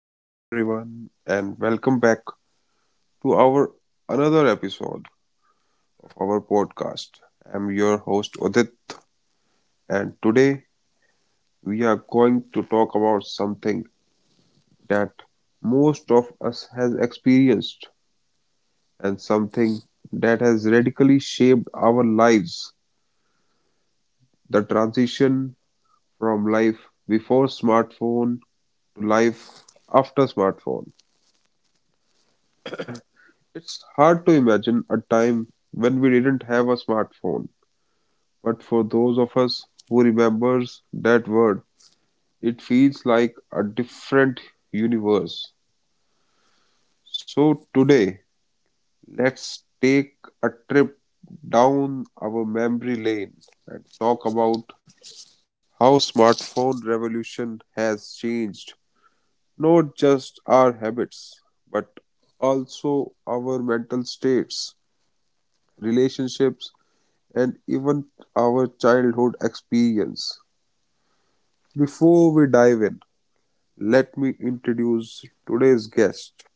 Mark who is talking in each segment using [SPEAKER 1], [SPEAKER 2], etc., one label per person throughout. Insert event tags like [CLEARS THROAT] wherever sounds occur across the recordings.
[SPEAKER 1] Hello, everyone, and welcome back to our another episode of our podcast. I'm your host Udit, and today we are going to talk about something that most of us has experienced and something that has radically shaped our lives: the transition from life before smartphone to life after smartphone. It's hard to imagine a time when we didn't have a smartphone, but for those of us who remembers that word, it feels like a different universe. So today, let's take a trip down our memory lane and talk about how smartphone revolution has changed not just our habits but also our mental states, relationships, and even our childhood experience. Before we dive in, let me introduce today's guest.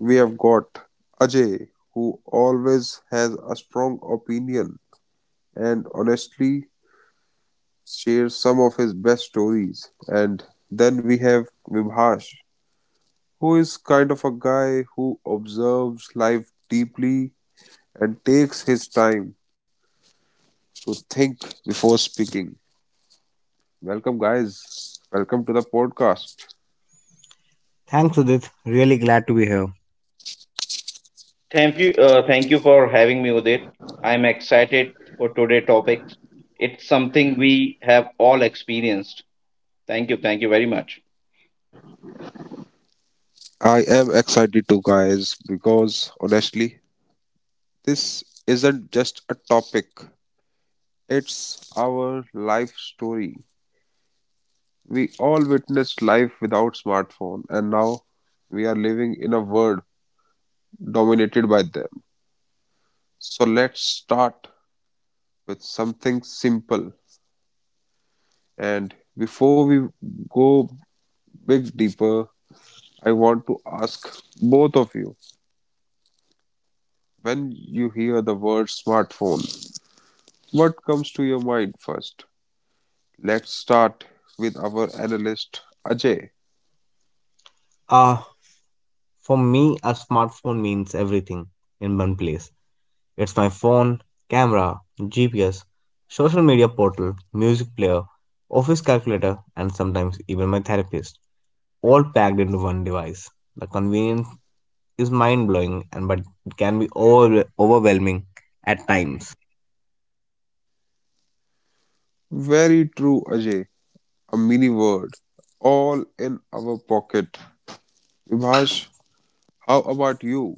[SPEAKER 1] We have got Ajay, who always has a strong opinion and honestly shares some of his best stories. And then we have Vibhash, who is kind of a guy who observes life deeply and takes his time to think before speaking. Welcome, guys. Welcome to the podcast.
[SPEAKER 2] Thanks, Udit. Really glad to be here.
[SPEAKER 3] Thank you for having me, Udit. I'm excited for today's topic. It's something we have all experienced. Thank you very much.
[SPEAKER 1] I am excited too, guys, because honestly, this isn't just a topic, it's our life story. We all witnessed life without smartphone and now we are living in a world dominated by them. So let's start with something simple, and before we go big deeper, I want to ask both of you, when you hear the word smartphone, what comes to your mind first? Let's start with our analyst Ajay.
[SPEAKER 2] Uh, for me, a smartphone means everything in one place. It's my phone, camera, GPS, social media portal, music player, office calculator, and sometimes even my therapist, all packed into one device. The convenience is mind blowing, and but it can be overwhelming at times.
[SPEAKER 1] Very true, Ajay. A mini world, all in our pocket. Vibhash, how about you?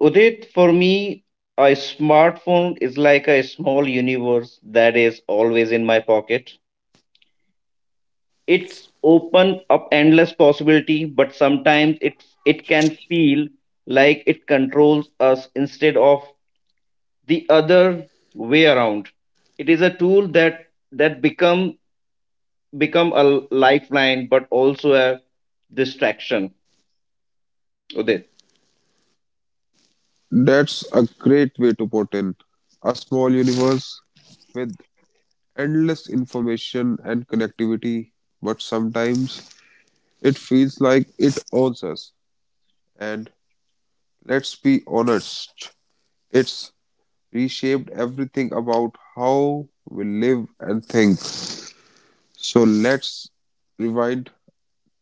[SPEAKER 3] Udit, for me, a smartphone is like a small universe that is always in my pocket. It's open up endless possibility, but sometimes it can feel like it controls us instead of the other way around. It is a tool that that becomes become a lifeline but also a distraction, Udit.
[SPEAKER 1] That's a great way to put in. A small universe with endless information and connectivity, but sometimes it feels like it owns us. And let's be honest, it's reshaped everything about how we live and think. So let's rewind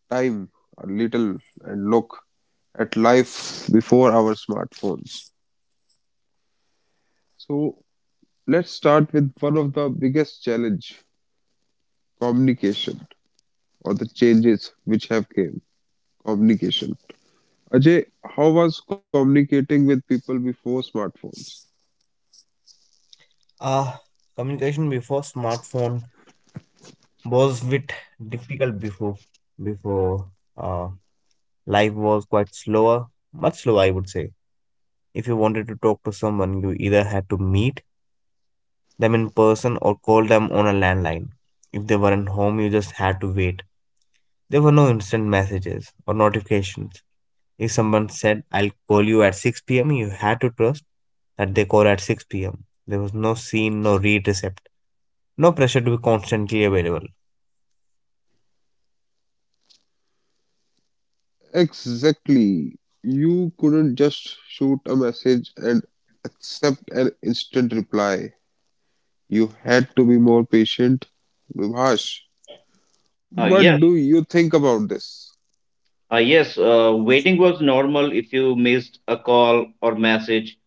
[SPEAKER 1] time a little and look at life before our smartphones. So let's start with one of the biggest challenge, communication, or the changes which have came. Communication. Ajay, how was communicating with people before smartphones?
[SPEAKER 2] Uh, communication before smartphone was a bit difficult before. uh, Life was quite slower, much slower, I would say. If you wanted to talk to someone, you either had to meet them in person or call them on a landline. If they weren't home, you just had to wait. There were no instant messages or notifications. If someone said, I'll call you at 6 p.m., you had to trust that they call at 6 pm. There was no scene, no read recept, no pressure to be constantly available.
[SPEAKER 1] Exactly. You couldn't just shoot a message and accept an instant reply. You had to be more patient. Vibhash,
[SPEAKER 3] Uh,
[SPEAKER 1] what
[SPEAKER 3] yes,
[SPEAKER 1] do you think about this?
[SPEAKER 3] yes. Waiting was normal. If you missed a call or message,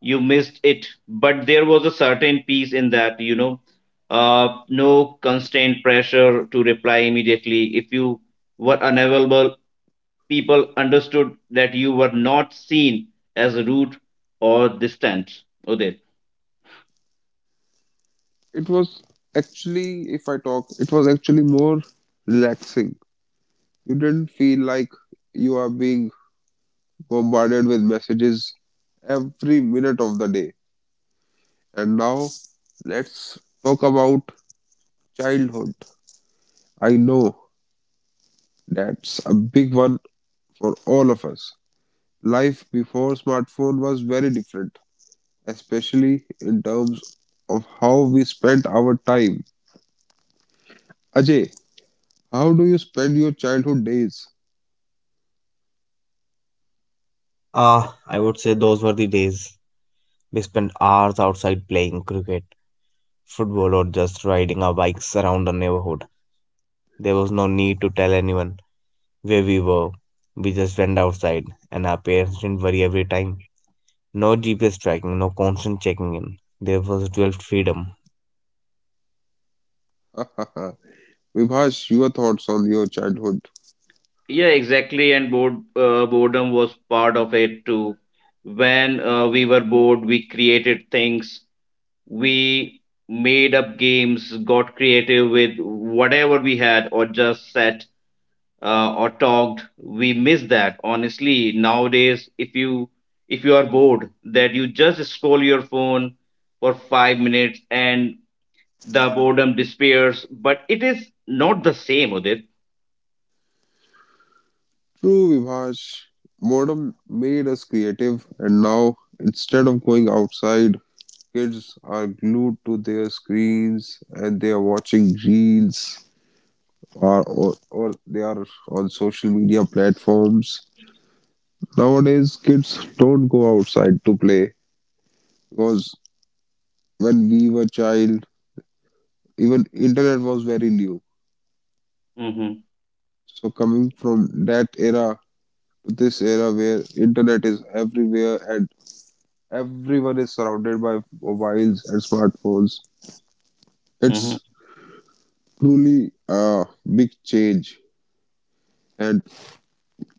[SPEAKER 3] you missed it. But there was a certain peace in that, uh, no constant pressure to reply immediately. If you were unavailable, people understood that you were not seen as rude or distant. Udit.
[SPEAKER 1] It was actually, if I talk, it was actually more relaxing. You didn't feel like you are being bombarded with messages every minute of the day. And now let's talk about childhood. I know that's a big one for all of us. Life before smartphone was very different, especially in terms of how we spent our time. Ajay, how do you spend your childhood days?
[SPEAKER 2] I would say those were the days. We spent hours outside playing cricket, football, or just riding our bikes around the neighborhood. There was no need to tell anyone where we were. We just went outside, and our parents didn't worry every time. No GPS tracking, no constant checking in. There was real freedom.
[SPEAKER 1] [LAUGHS] Vibhash, your thoughts on your childhood?
[SPEAKER 3] Yeah, exactly. And boredom was part of it too. When we were bored, we created things. We made up games, got creative with whatever we had, or just sat or talked. We miss that. Honestly, nowadays, if you are bored, that you just scroll your phone for 5 minutes and the boredom disappears. But it is not the same, Udit.
[SPEAKER 1] True, Vibhash. Boredom made us creative, and now instead of going outside, kids are glued to their screens and they are watching reels or they are on social media platforms. Nowadays, kids don't go outside to play because when we were child, even internet was very new.
[SPEAKER 3] Mm-hmm,
[SPEAKER 1] So coming from that era to this era where internet is everywhere and everyone is surrounded by mobiles and smartphones,
[SPEAKER 3] mm-hmm.
[SPEAKER 1] it's truly a big change. And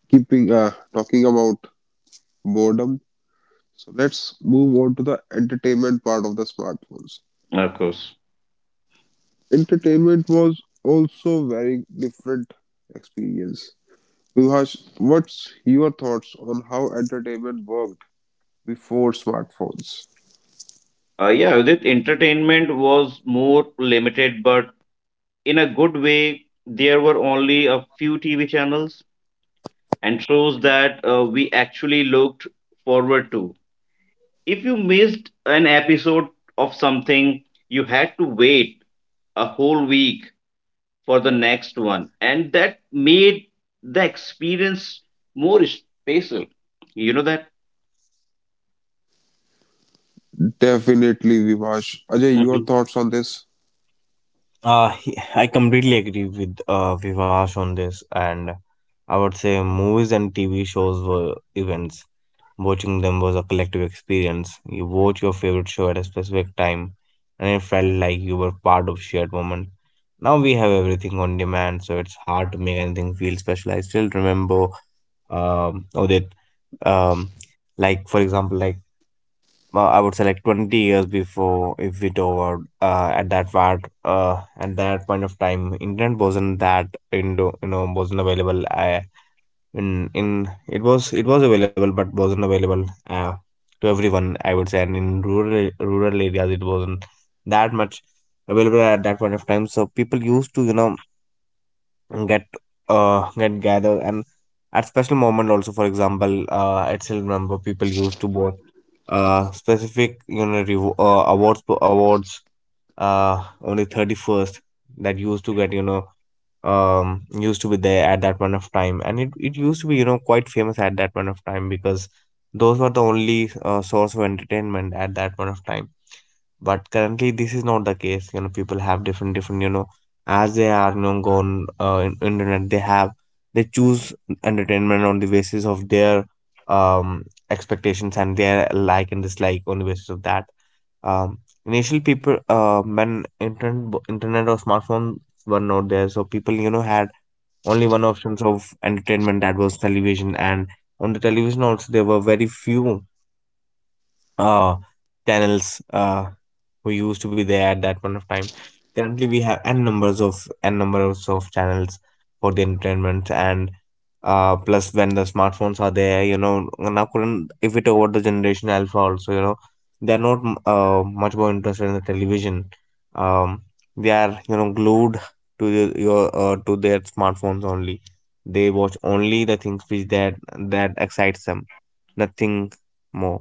[SPEAKER 1] keeping talking about boredom, so let's move on to the entertainment part of the smartphones.
[SPEAKER 3] Of course.
[SPEAKER 1] Entertainment was also very different experience. Vivash, what's your thoughts on how entertainment worked before smartphones?
[SPEAKER 3] Yeah, that entertainment was more limited, but in a good way. There were only a few TV channels and shows that we actually looked forward to. If you missed an episode of something, you had to wait a whole week for the next one, and that made the experience more special. You know that?
[SPEAKER 4] Definitely, Vivash. Ajay,
[SPEAKER 3] Mhm.
[SPEAKER 4] your thoughts on this?
[SPEAKER 2] I completely agree with Vivash on this, and I would say movies and TV shows were events. Watching them was a collective experience. You watch your favorite show at a specific time, and it felt like you were part of a shared moment. Now we have everything on demand, so it's hard to make anything feel special. I still remember, Odit, um, like for example, like well, I would say like 20 years before if it over at that part at that point of time internet wasn't that into you know wasn't available I, in it was available but wasn't available to everyone, I would say, and in rural areas it wasn't that much available at that point of time, so people used to get get gather and at special moment also. For example, I still remember people used to vote specific, awards awards on the 31st, that used to get, used to be there at that point of time, and it used to be, quite famous at that point of time, because those were the only source of entertainment at that point of time. But currently this is not the case, you know. People have different as they are, you know, gone in internet, they have, they choose entertainment on the basis of their um expectations and their like and dislike on the basis of that. um Initially people, when internet internet or smartphones were not there, so people, you know, had only one options of entertainment, that was television, and on the television also there were very few uh channels who used to be there at that point of time. Currently we have n numbers of channels for the entertainment, and plus when the smartphones are there, you know, now couldn't, if we talk about the generation alpha also, you know, they're not much more interested in the television. um they are, you know, glued to the- your to their smartphones only. They watch only the things which that excites them, nothing more.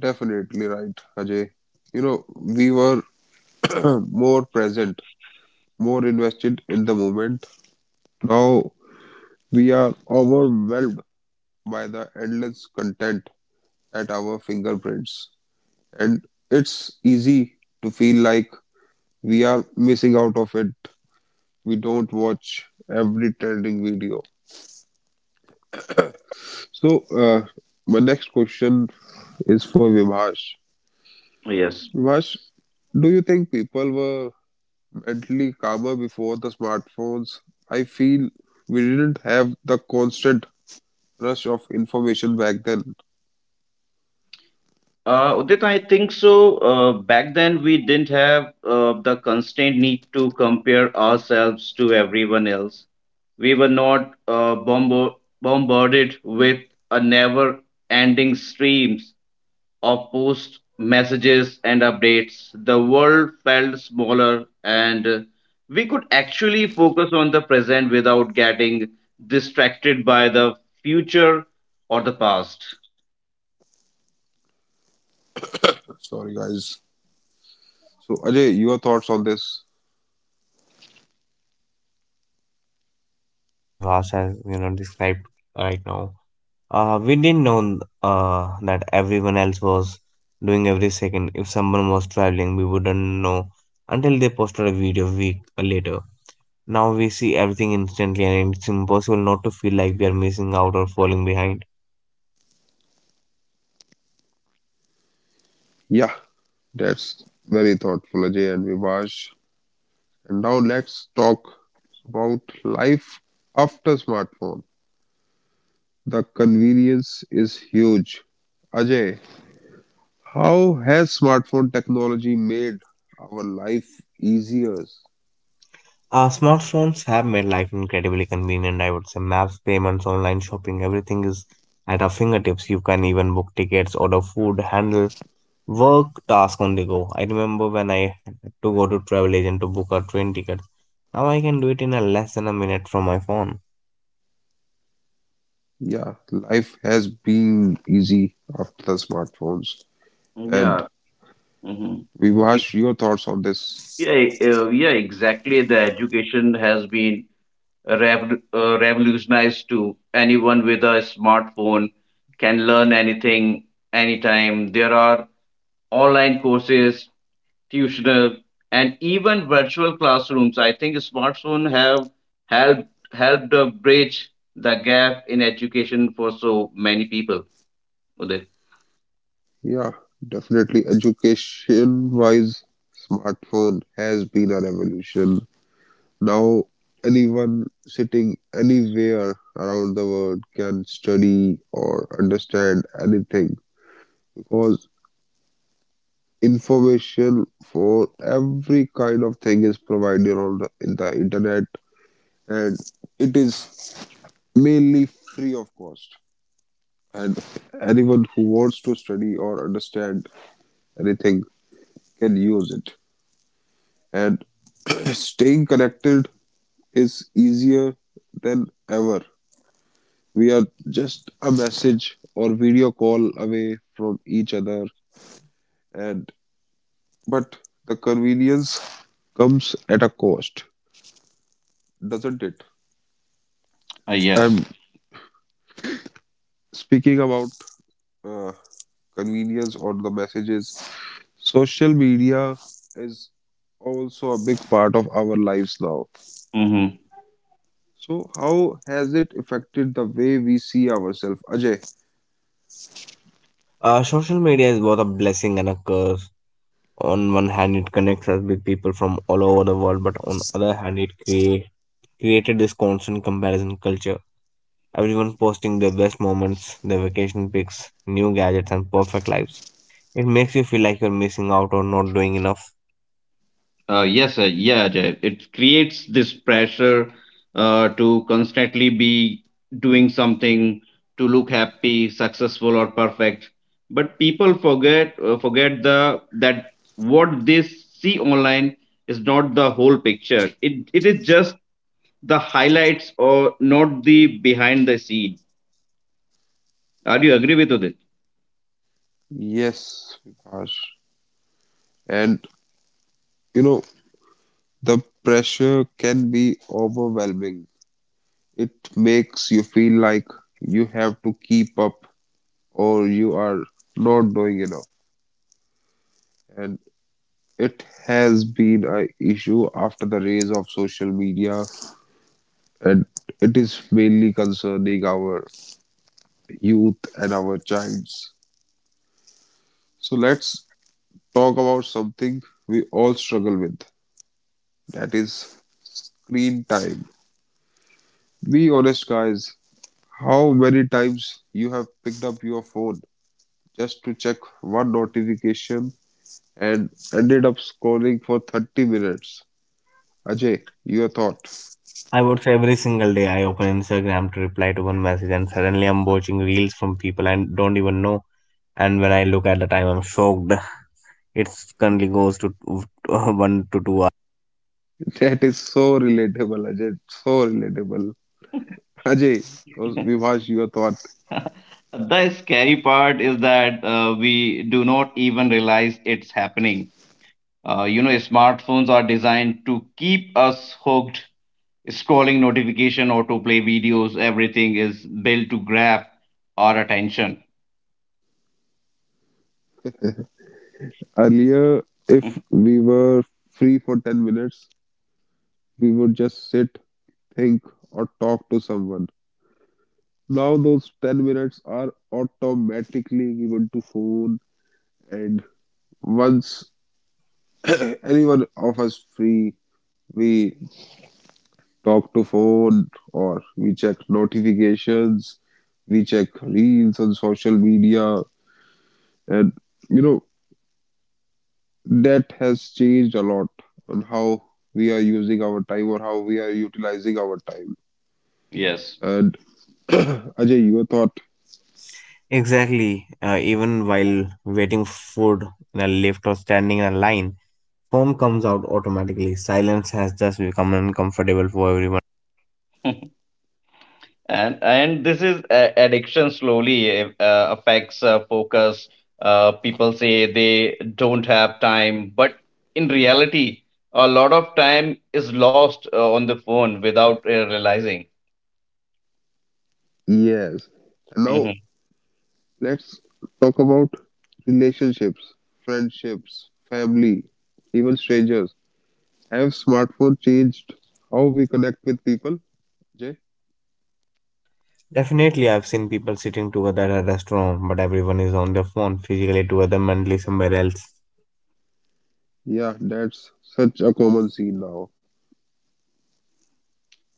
[SPEAKER 4] Definitely right, Ajay. You know, we were [CLEARS THROAT] more present, more invested in the moment. Now we are overwhelmed by the endless content at our fingerprints, and it's easy to feel like we are missing out of it. We don't watch every trending video. So, my next question is for Vivash.
[SPEAKER 3] Yes.
[SPEAKER 4] Vivash, do you think people were mentally calmer before the smartphones? I feel we didn't have the constant rush of information back then.
[SPEAKER 3] Udit, I think so. Back then, we didn't have the constant need to compare ourselves to everyone else. We were not bombo bombarded with a never-ending streams of posts, messages, and updates. The world felt smaller, and we could actually focus on the present without getting distracted by the future or the past.
[SPEAKER 4] Sorry, guys. So, Ajay, your thoughts on this?
[SPEAKER 2] Definitely, I completely agree with what Vivas has, you know, described right now. We didn't know that everyone else was doing every second. If someone was traveling, we wouldn't know until they posted a video week later. Now we see everything instantly, and it's impossible not to feel like we are missing out or falling behind.
[SPEAKER 4] Yeah, that's very thoughtful, Ajay and Vivash. And now let's talk about life after smartphone. The convenience is huge. Ajay, how has smartphone technology made our life easier?
[SPEAKER 2] Smartphones have made life incredibly convenient. I would say maps, payments, online shopping, everything is at our fingertips. You can even book tickets, order food, handle work task on the go. I remember when I had to go to travel agent to book a train ticket. Now I can do it in a less than a minute from my phone.
[SPEAKER 4] Yeah, life has been easy after the smartphones. And
[SPEAKER 3] Yeah. Mhm.
[SPEAKER 4] Vivash, your thoughts on this?
[SPEAKER 3] Yeah, yeah, exactly. The education has been revolutionized to anyone with a smartphone can learn anything, anytime. There are online courses, tuitional, and even virtual classrooms. I think smartphone have helped bridge the gap in education for so many people. Udit.
[SPEAKER 4] Yeah, definitely education wise, smartphone has been a revolution. Now, anyone sitting anywhere around the world can study or understand anything, because information for every kind of thing is provided on in the internet, and it is mainly free of cost. And anyone who wants to study or understand anything can use it. And [CLEARS THROAT] staying connected is easier than ever. We are just a message or video call away from each other. And but the convenience comes at a cost, doesn't it?
[SPEAKER 3] Uh, yes.
[SPEAKER 4] I'm speaking about uh, convenience or the messages. Social media is also a big part of our lives now. So, how has it affected the way we see ourselves, Ajay?
[SPEAKER 2] Social media is both a blessing and a curse. On one hand, it connects us with people from all over the world, but on other hand, it created this constant comparison culture. Everyone posting their best moments, their vacation pics, new gadgets, and perfect lives. It makes you feel like you're missing out or not doing enough.
[SPEAKER 3] Yes, yeah, Ajay. It creates this pressure to constantly be doing something to look happy, successful, or perfect. But people forget forget the that what they see online is not the whole picture. It is just the highlights or not the behind the scene. Are you agree with it?
[SPEAKER 4] Yes, Vipash. And you know, the pressure can be overwhelming. It makes you feel like you have to keep up or you are not doing enough. And it has been an issue after the rise of social media, and it is mainly concerning our youth, and our childs. So let's talk about something we all struggle with, that is screen time. Be honest, guys, how many times you have picked up your phone just to check one notification and ended up scrolling for 30 minutes? Ajay, your thought.
[SPEAKER 2] I would say every single day I open Instagram to reply to one message, and suddenly I'm watching reels from people I don't even know. And when I look at the time, I'm shocked. It currently goes to [LAUGHS] 1 to 2 hours.
[SPEAKER 4] [LAUGHS] That is so relatable, Ajay. So relatable.
[SPEAKER 3] [LAUGHS]
[SPEAKER 4] Vivash, your thought.
[SPEAKER 3] The scary part is that we do not even realize it's happening. Smartphones are designed to keep us hooked, scrolling notification, autoplay videos, everything is built to grab our attention.
[SPEAKER 4] Earlier, if
[SPEAKER 3] [LAUGHS]
[SPEAKER 4] we were free for 10 minutes, we would just sit think, or talk to someone. Now those 10 minutes are automatically given to phone, and once [COUGHS] [CLEARS THROAT] anyone of us free, we talk to phone or we check notifications, we check reels on social media, and you know that has changed a lot on how we are using our time or how we are utilizing our time.
[SPEAKER 3] Yes.
[SPEAKER 4] And [COUGHS] [CLEARS THROAT] Ajay, your thought?
[SPEAKER 2] Exactly. Even while waiting for food in a lift or standing in a line, phone comes out automatically. Silence has just become uncomfortable for everyone.
[SPEAKER 3] [LAUGHS] And this is addiction slowly affects focus. People say they don't have time, but in reality, a lot of time is lost on the phone without realizing.
[SPEAKER 4] Yes. Now
[SPEAKER 3] Mhm.
[SPEAKER 4] let's talk about relationships, friendships, family, even strangers. Have smartphone changed how we connect with people? Jay?
[SPEAKER 2] Definitely, I've seen people sitting together at a restaurant, but everyone is on their phone, physically together, mentally somewhere else.
[SPEAKER 4] Yeah, that's such a common scene now.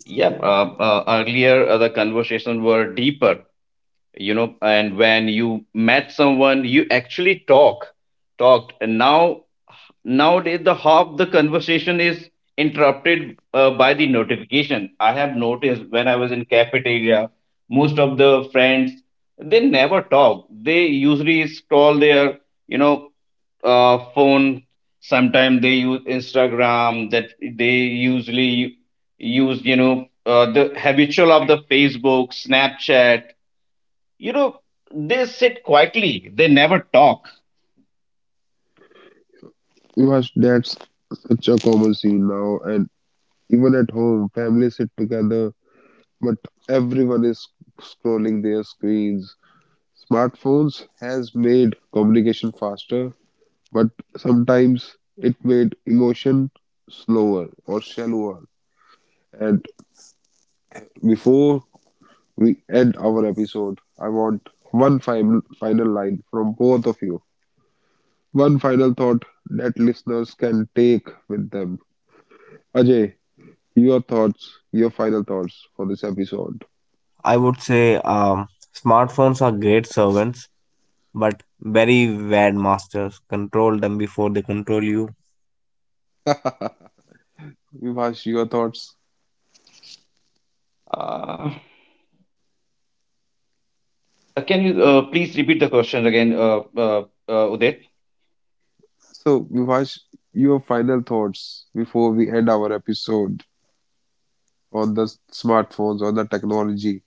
[SPEAKER 3] Yep. Earlier, the conversations were deeper. You know, and when you met someone, you actually talked, and now nowadays the half the conversation is interrupted by the notification. I have noticed when I was in cafeteria, most of the friends, they never talk, they usually scroll their, you know phone. Sometimes they use Instagram, that they usually use, the habitual of the Facebook, Snapchat, you know, they sit quietly, they never talk.
[SPEAKER 4] Because that's such a common scene now, and even at home, families sit together, but everyone is scrolling their screens. Smartphones has made communication faster, but sometimes it made emotion slower or shallower. And before we end our episode, I want one final line from both of you. One final thought that listeners can take with them. Ajay, your thoughts, your final thoughts for this episode.
[SPEAKER 2] I would say smartphones are great servants, but very bad masters. Control them before they control you.
[SPEAKER 4] Vivash, your thoughts.
[SPEAKER 3] Uh, can you please repeat the question again, Udit?
[SPEAKER 4] So, Vivash, your final thoughts before we end our episode on the smartphones, on the technology.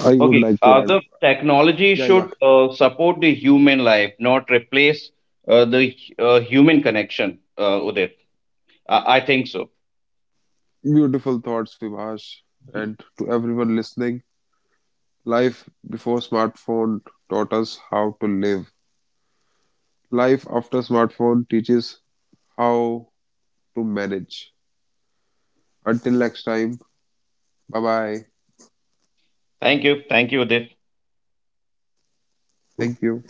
[SPEAKER 4] I would
[SPEAKER 3] Okay,
[SPEAKER 4] like to add,
[SPEAKER 3] the technology
[SPEAKER 4] yeah,
[SPEAKER 3] should
[SPEAKER 4] yeah,
[SPEAKER 3] support the human life, not replace the human connection, Udit. I think so.
[SPEAKER 4] beautiful thoughts, Vivash. And to everyone listening, life before smartphone taught us how to live. Life after smartphone teaches how to manage. Until next time, bye bye.
[SPEAKER 3] Thank you. Thank you, Udit.
[SPEAKER 2] Thank you.
[SPEAKER 4] Thank you.